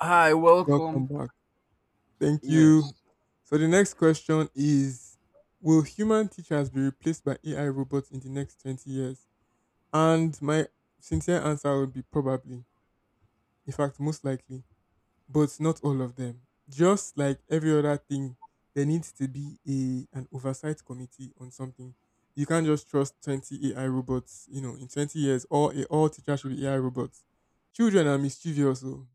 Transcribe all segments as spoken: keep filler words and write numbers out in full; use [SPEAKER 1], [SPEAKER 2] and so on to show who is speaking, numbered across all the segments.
[SPEAKER 1] Hi,
[SPEAKER 2] Welcome
[SPEAKER 1] welcome.
[SPEAKER 2] back. Thank
[SPEAKER 1] Yeah,
[SPEAKER 2] you. So the next question is: Will human teachers be replaced by A I robots in the next twenty years? And my sincere answer would be probably. In fact, most likely, but not all of them. Just like every other thing, there needs to be a an oversight committee on something. You can't just trust twenty A I robots, you know, in twenty years all all teachers should be A I robots. Children are mischievous, oh.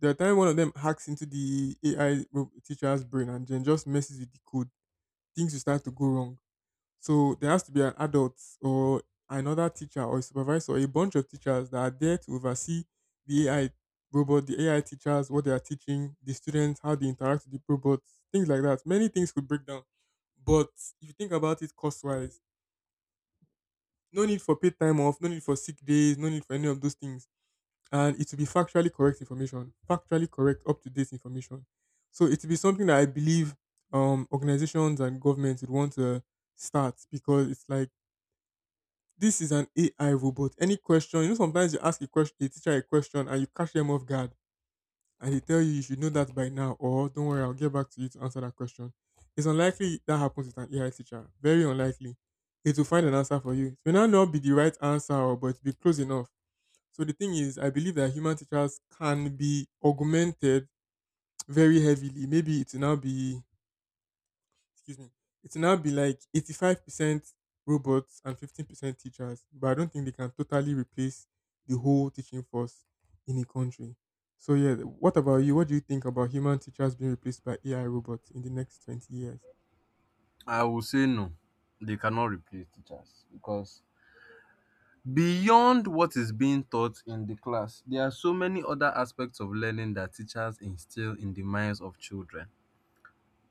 [SPEAKER 2] The time one of them hacks into the A I ro- teacher's brain and then just messes with the code, things will start to go wrong. So there has to be an adult or another teacher or a supervisor or a bunch of teachers that are there to oversee the A I robot, the A I teachers, what they are teaching, the students, how they interact with the robots, things like that. Many things could break down. But if you think about it cost wise, no need for paid time off, no need for sick days, no need for any of those things and it will be factually correct information, factually correct, up to date information. So it will be something that I believe um, organizations and governments would want to start because it's like this is an A I robot. Any question, you know, sometimes you ask a question, a teacher a question, and you catch them off guard, and they tell you you should know that by now, or don't worry, I'll get back to you to answer that question. It's unlikely that happens with an A I teacher. Very unlikely. It will find an answer for you. It may not not be the right answer, or- but it'll be close enough. So the thing is, I believe that human teachers can be augmented very heavily. Maybe it will now be, Excuse me, it will now be like eighty-five percent robots and fifteen percent teachers. But I don't think they can totally replace the whole teaching force in a country. So yeah, what about you? What do you think about human teachers being replaced by A I robots in the next twenty years?
[SPEAKER 1] I will say no. They cannot replace teachers because beyond what is being taught in the class, there are so many other aspects of learning that teachers instill in the minds of children,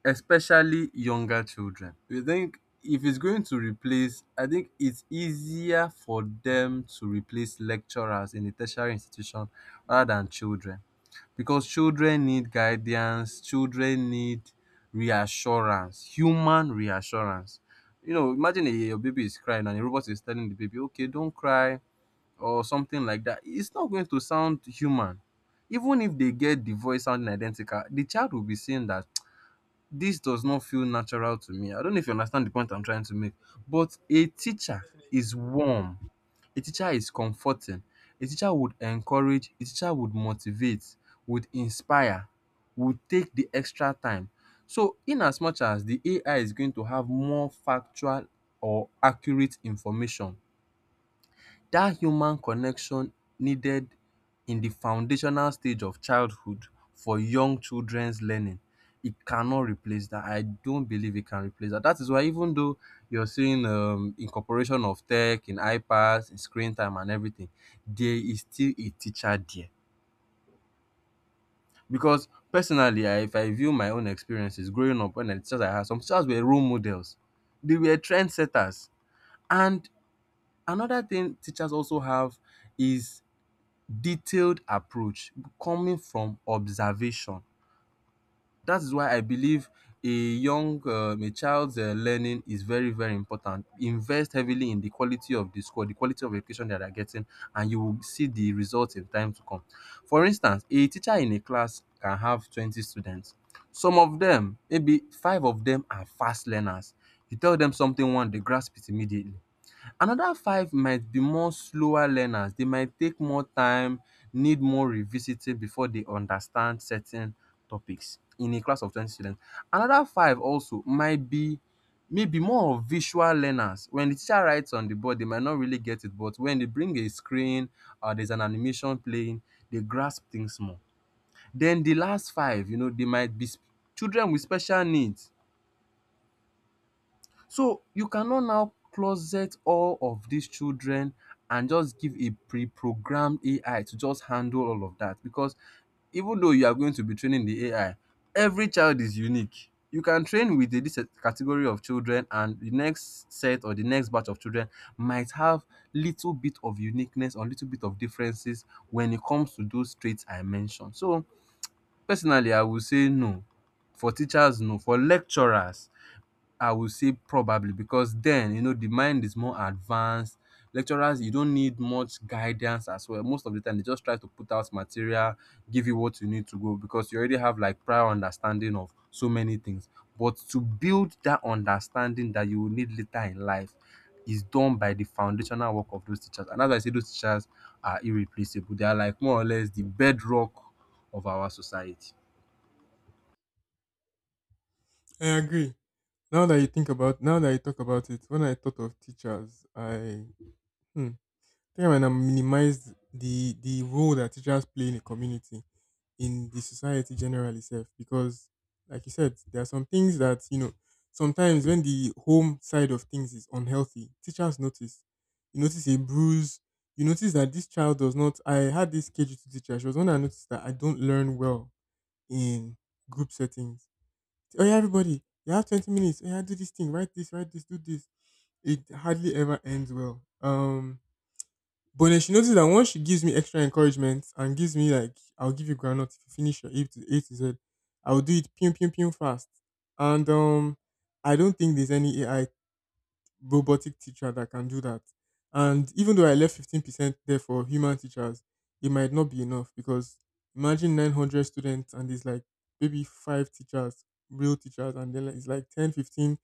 [SPEAKER 1] especially younger children. You think if it's going to replace, I think it's easier for them to replace lecturers in a tertiary institution rather than children because children need guidance, children need reassurance, human reassurance. You know, imagine a, your baby is crying and a robot is telling the baby, okay, don't cry, or something like that. It's not going to sound human. Even if they get the voice sounding identical, the child will be saying that this does not feel natural to me. I don't know if you understand the point I'm trying to make, but a teacher
[SPEAKER 2] Definitely.
[SPEAKER 1] is warm, a teacher is comforting, a teacher would encourage, a teacher would motivate, would inspire, would take the extra time. So, in as much as the A I is going to have more factual or accurate information, that human connection needed in the foundational stage of childhood for young children's learning, it cannot replace that. I don't believe it can replace that. That is why even though you're seeing um, incorporation of tech in iPads, in screen time and everything, there is still a teacher there. Because personally, I, if I view my own experiences growing up, when the teachers I had, some teachers were role models. They were trendsetters. And another thing teachers also have is detailed approach coming from observation. That is why I believe a young, um, a child's uh, learning is very, very important. Invest heavily in the quality of the school, the quality of education that they're getting, and you will see the results in time to come. For instance, a teacher in a class can have twenty students. Some of them, maybe five of them are fast learners. You tell them something one, they grasp it immediately. Another five might be more slower learners. They might take more time, need more revisiting before they understand certain topics in a class of twenty students. Another five also might be maybe more of visual learners. When the teacher writes on the board, they might not really get it, but when they bring a screen or there's an animation playing, they grasp things more. Then the last five, you know, they might be s- children with special needs. So you cannot now closet all of these children and just give a pre-programmed A I to just handle all of that because even though you are going to be training the A I, every child is unique. You can train with a, this category of children, and the next set or the next batch of children might have little bit of uniqueness or little bit of differences when it comes to those traits I mentioned. So personally, I would say no. For teachers, no. For lecturers, I would say probably because then you know the mind is more advanced. Lecturers, you don't need much guidance as well. Most of the time, they just try to put out material, give you what you need to go because you already have like prior understanding of so many things. But to build that understanding that you will need later in life is done by the foundational work of those teachers. And as I say, those teachers are irreplaceable. They are like more or less the bedrock of our society.
[SPEAKER 2] I agree. Now that you think about, now that you talk about it, when I thought of teachers, I hmm, Time and I minimize the the role that teachers play in a community, in the society generally self. Because like you said, there are some things that, you know, sometimes when the home side of things is unhealthy, teachers notice. You notice a bruise. You notice that this child does not. I had this K G two teacher, she was one that noticed that I don't learn well in group settings. Oh yeah, everybody, you have twenty minutes, oh yeah, do this thing, write this, write this, do this. It hardly ever ends well. Um, but then she noticed that once she gives me extra encouragement and gives me like, I'll give you groundnut if you finish your A to A to Z, I'll do it pew pew pew fast. And um, I don't think there's any A I robotic teacher that can do that. And even though I left fifteen percent there for human teachers, it might not be enough because imagine nine hundred students and there's like maybe five teachers, real teachers, and then it's like ten, fifteen,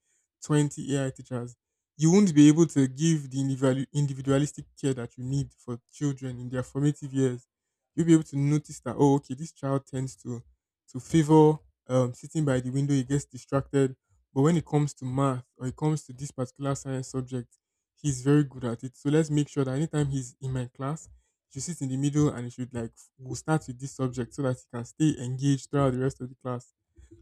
[SPEAKER 2] twenty A I teachers. You won't be able to give the individual- individualistic care that you need for children in their formative years. You'll be able to notice that, oh, okay, this child tends to, to favor um, sitting by the window, he gets distracted but when it comes to math or it comes to this particular science subject, he's very good at it. So let's make sure that anytime he's in my class, he should sit in the middle and he should like we'll start with this subject so that he can stay engaged throughout the rest of the class.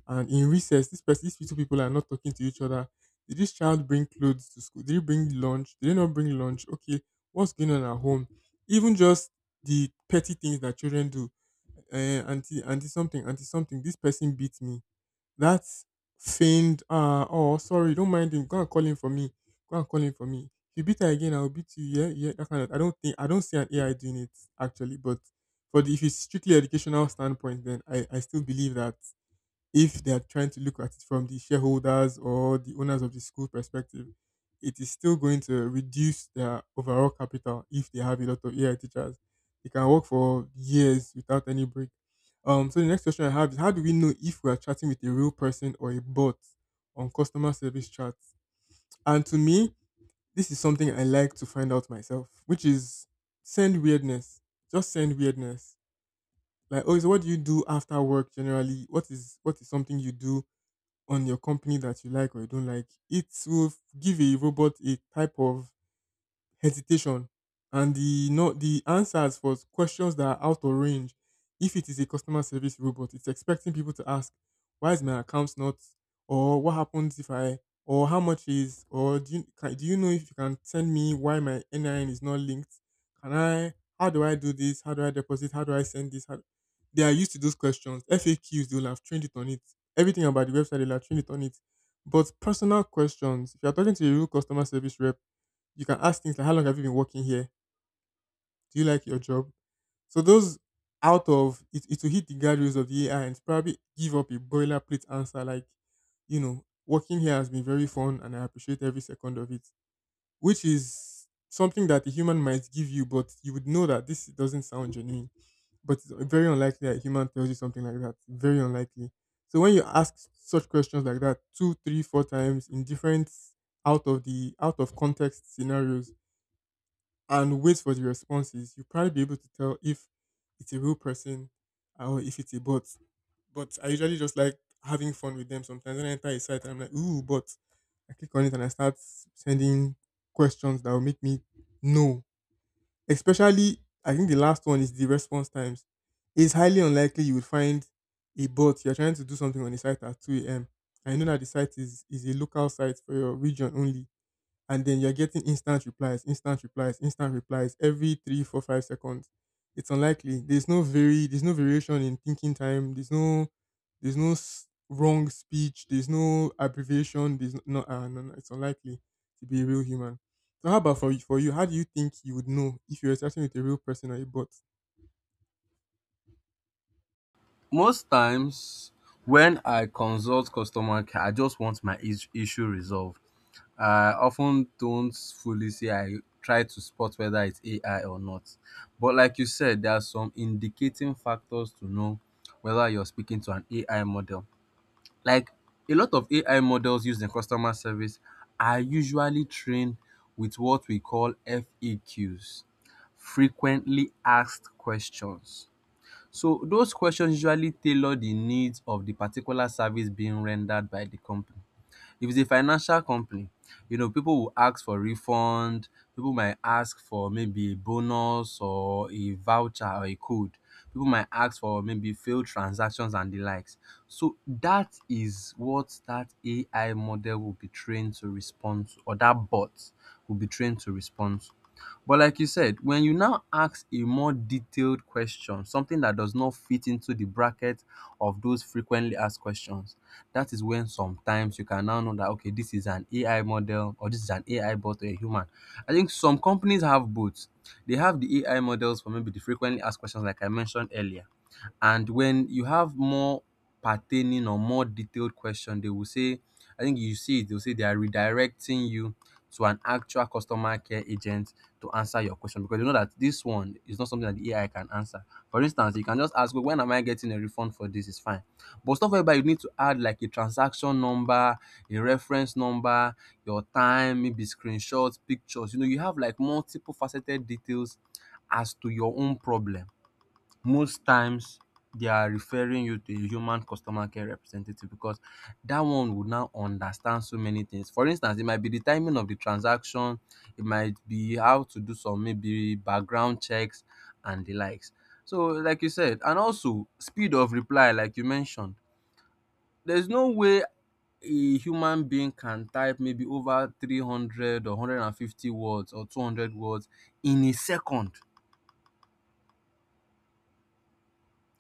[SPEAKER 2] And in recess, this person, these two people are not talking to each other. Did this child bring clothes to school? Did he bring lunch? Did he not bring lunch? Okay, what's going on at home? Even just the petty things that children do. Uh, auntie, auntie something, auntie something. This person beat me. That feigned, uh, "Oh, sorry, don't mind him. Go and call him for me. Go and call him for me. If you beat her again, I'll beat you." Yeah, yeah, that kind of. I don't think. I don't see an A I doing it actually, but for the if it's strictly educational standpoint, then I, I still believe that if they are trying to look at it from the shareholders or the owners of the school perspective, it is still going to reduce their overall capital if they have a lot of A I teachers. They can work for years without any break. Um, so the next question I have is: how do we know if we are chatting with a real person or a bot on customer service chats? And to me, this is something I like to find out myself, which is send weirdness. Just send weirdness. Like, oh, so what do you do after work generally? What is what is something you do on your company that you like or you don't like, it will f- give a robot a type of hesitation and the no the answers for questions that are out of range. If it is a customer service robot, it's expecting people to ask, "Why is my account not?" or "What happens if I?" or "How much is?" or "Do you can, do you know if you can send me why my N I N is not linked? Can I? How do I do this? How do I deposit? How do I send this?" How, they are used to those questions. F A Qs they will have trained it on it. Everything about the website they'll have trained it on it. But personal questions, if you're talking to a real customer service rep, you can ask things like, how long have you been working here? Do you like your job? So those out of it, it will hit the guardrails of the A I and probably give up a boilerplate answer like, you know, working here has been very fun and I appreciate every second of it, which is something that a human might give you, but you would know that this doesn't sound genuine. But it's very unlikely that a human tells you something like that. Very unlikely. So when you ask such questions like that two, three, four times in different out of the out of context scenarios, and wait for the responses, you'll probably be able to tell if it's a real person or if it's a bot. But I usually just like having fun with them sometimes. When I enter a site and I'm like, "Ooh, bot!" I click on it and I start sending questions that will make me know. Especially, I think the last one is the response times. It's highly unlikely you would find a bot. You're trying to do something on the site at two a m. I know that the site is, is a local site for your region only and then you're getting instant replies, instant replies, instant replies every three, four, five seconds. It's unlikely. There's no very, there's no variation in thinking time. There's no, there's no s- wrong speech. There's no abbreviation. There's no, uh, no, no, It's unlikely to be a real human. So how about for you? For you, how do you think you would know if you were chatting with a real person or a bot?
[SPEAKER 1] Most times when I consult customer care, I just want my is- issue resolved. I often don't fully say I try to spot whether it's A I or not. But like you said, there are some indicating factors to know whether you're speaking to an A I model. Like a lot of A I models used in customer service are usually trained with what we call F A Qs, frequently asked questions, so those questions usually tailor the needs of the particular service being rendered by the company. If it's a financial company, you know, people will ask for refund, people might ask for maybe a bonus or a voucher or a code. People might ask for maybe failed transactions and the likes. So that is what that A I model will be trained to respond to, or that bot will be trained to respond to. But like you said, when you now ask a more detailed question, something that does not fit into the bracket of those frequently asked questions, that is when sometimes you can now know that, okay, this is an A I model or this is an A I bot or a human. I think some companies have both. They have the A I models for maybe the frequently asked questions, like I mentioned earlier. And when you have more pertaining or more detailed question, they will say, I think you see it, they'll say they are redirecting you to an actual customer care agent to answer your question because you know that this one is not something that the A I can answer. For instance, you can just ask, "Well, when am I getting a refund for this? It's fine." But stuff whereby you need to add like a transaction number, a reference number, your time, maybe screenshots, pictures. You know, you have like multiple faceted details as to your own problem, most times they are referring you to a human customer care representative because that one would now understand so many things. For instance, it might be the timing of the transaction, it might be how to do some maybe background checks and the likes. So, like you said, and also speed of reply, like you mentioned, there's no way a human being can type maybe over three hundred or one hundred fifty words or two hundred words in a second.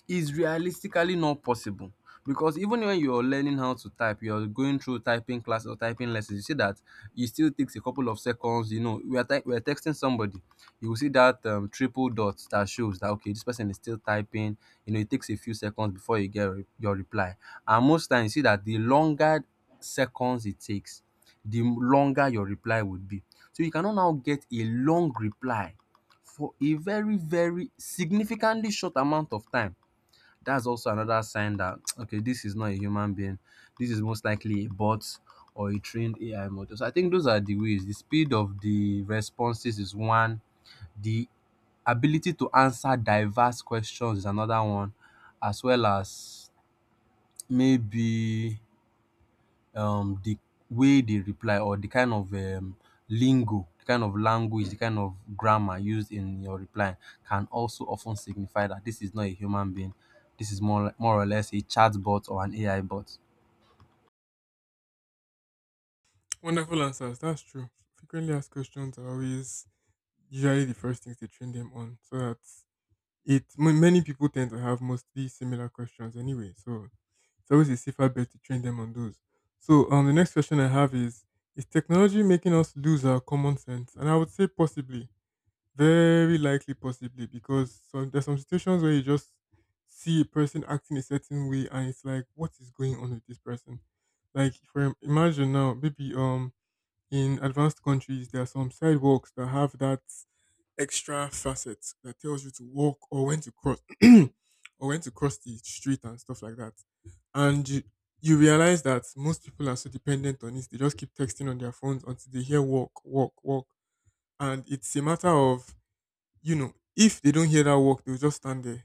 [SPEAKER 1] Is realistically not possible because even when you're learning how to type, you're going through typing class or typing lessons, you see that it still takes a couple of seconds. You know, we are, ty- we are texting somebody, you will see that um, triple dot that shows that, okay, this person is still typing. You know, it takes a few seconds before you get re- your reply. And most times, you see that the longer seconds it takes, the longer your reply would be. So you cannot now get a long reply for a very, very significantly short amount of time. That's also another sign that okay, this is not a human being, this is most likely a bot or a trained AI model. So I think those are the ways: the speed of the responses is one, the ability to answer diverse questions is another one, as well as maybe um the way they reply or the kind of um, lingo, the kind of language, the kind of grammar used in your reply can also often signify that this is not a human being. This is more, more or less a chatbot or an A I bot.
[SPEAKER 2] Wonderful answers. That's true. Frequently asked questions are always usually the first things they train them on. So that It m- many people tend to have mostly similar questions anyway, so it's always a safer bet to train them on those. So um, the next question I have is: Is technology making us lose our common sense? And I would say possibly, very likely, possibly, because some, there's some situations where you just see a person acting a certain way, and it's like, what is going on with this person? Like, for imagine now, maybe um, in advanced countries, there are some sidewalks that have that extra facets that tells you to walk or when to cross or when to cross the street and stuff like that. And you, you realize that most people are so dependent on it, they just keep texting on their phones until they hear walk, walk, walk. And it's a matter of, you know, if they don't hear that walk, they'll just stand there.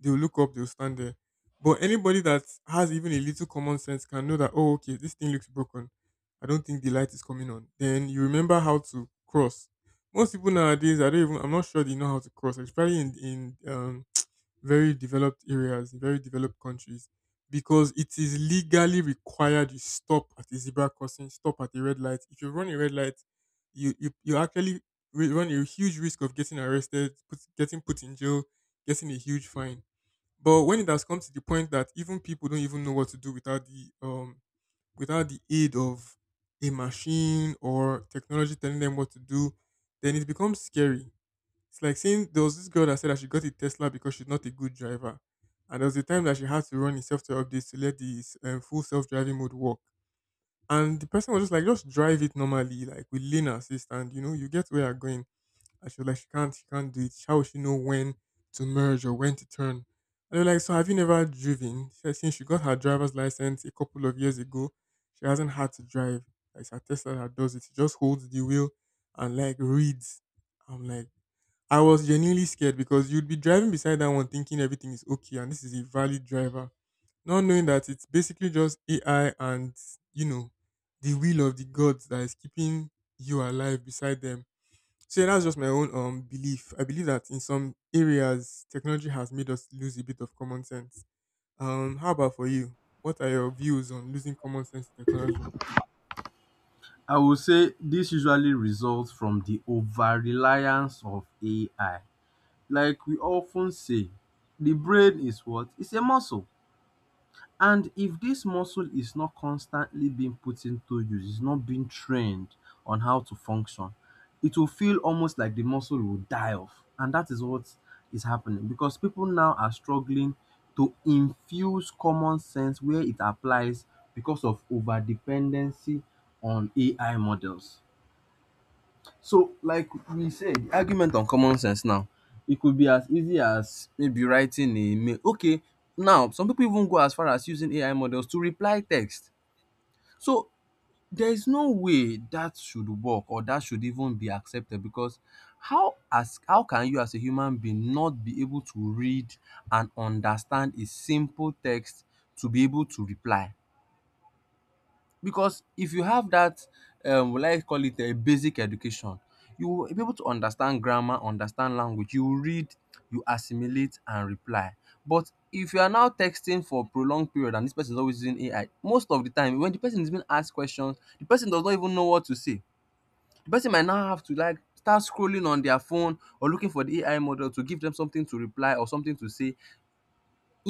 [SPEAKER 2] They'll look up, they'll stand there. But anybody that has even a little common sense can know that, oh, okay, this thing looks broken. I don't think the light is coming on. Then you remember how to cross. Most people nowadays, I don't even, I'm not sure they know how to cross, especially in, in um, very developed areas, in very developed countries, because it is legally required you stop at a zebra crossing, stop at a red light. If you run a red light, you, you, you actually re- run a huge risk of getting arrested, put, getting put in jail, getting a huge fine but when it has come to the point that even people don't even know what to do without the um without the aid of a machine or technology telling them what to do, then it becomes scary. It's like saying there was this girl that said that she got a Tesla because she's not a good driver, and there was a time that she had to run a software update to let the um, full self-driving mode work, and the person was just like, just drive it normally, like with lane assist, and you know you get where you're going and she was like, she can't, she can't do it. How will she know when to merge or when to turn? And they were like, so have you never driven? She said, since she got her driver's license a couple of years ago, she hasn't had to drive. Like, it's her Tesla that does it. She just holds the wheel and like reads. I'm like, I was genuinely scared because you'd be driving beside that one thinking everything is okay and this is a valid driver, not knowing that it's basically just A I and, you know, the will of the gods that is keeping you alive beside them. So yeah, that's just my own um belief. I believe that in some areas technology has made us lose a bit of common sense. Um, how about for you? What are your views on losing common sense to technology?
[SPEAKER 1] I would say this usually results from the over reliance of A I. Like we often say, the brain is what? It's a muscle. And if this muscle is not constantly being put into use, it's not being trained on how to function, it will feel almost like the muscle will die off. And that is what is happening because people now are struggling to infuse common sense where it applies because of over dependency on A I models. So, like we said, the argument on common sense now, it could be as easy as maybe writing a mail. Okay, now some people even go as far as using A I models to reply text. So, there is no way that should work or that should even be accepted because how as how can you as a human being not be able to read and understand a simple text to be able to reply? Because if you have that, um, will I call it a basic education, you will be able to understand grammar, understand language, you will read, you assimilate and reply. But if you are now texting for prolonged period and this person is always using A I, most of the time when the person is being asked questions, the person does not even know what to say. The person might now have to like start scrolling on their phone or looking for the A I model to give them something to reply or something to say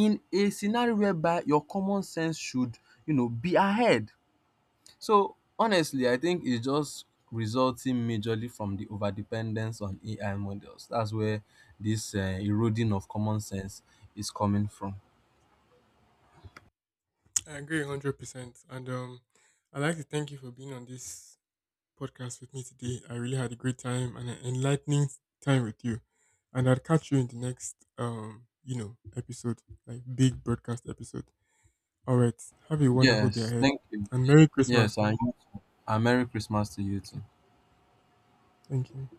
[SPEAKER 1] in a scenario whereby your common sense should, you know, be ahead. So honestly, I think it's just resulting majorly from the overdependence on A I models. That's where this uh, eroding of common sense is coming from.
[SPEAKER 2] I agree hundred percent. And um, I'd like to thank you for being on this podcast with me today. I really had a great time and an enlightening time with you. And I'll catch you in the next um, you know, episode, like big broadcast episode. All right. Have a wonderful day
[SPEAKER 1] Yes,
[SPEAKER 2] ahead.
[SPEAKER 1] thank you.
[SPEAKER 2] And Merry Christmas.
[SPEAKER 1] Yes, and, and Merry Christmas to you too.
[SPEAKER 2] Thank you.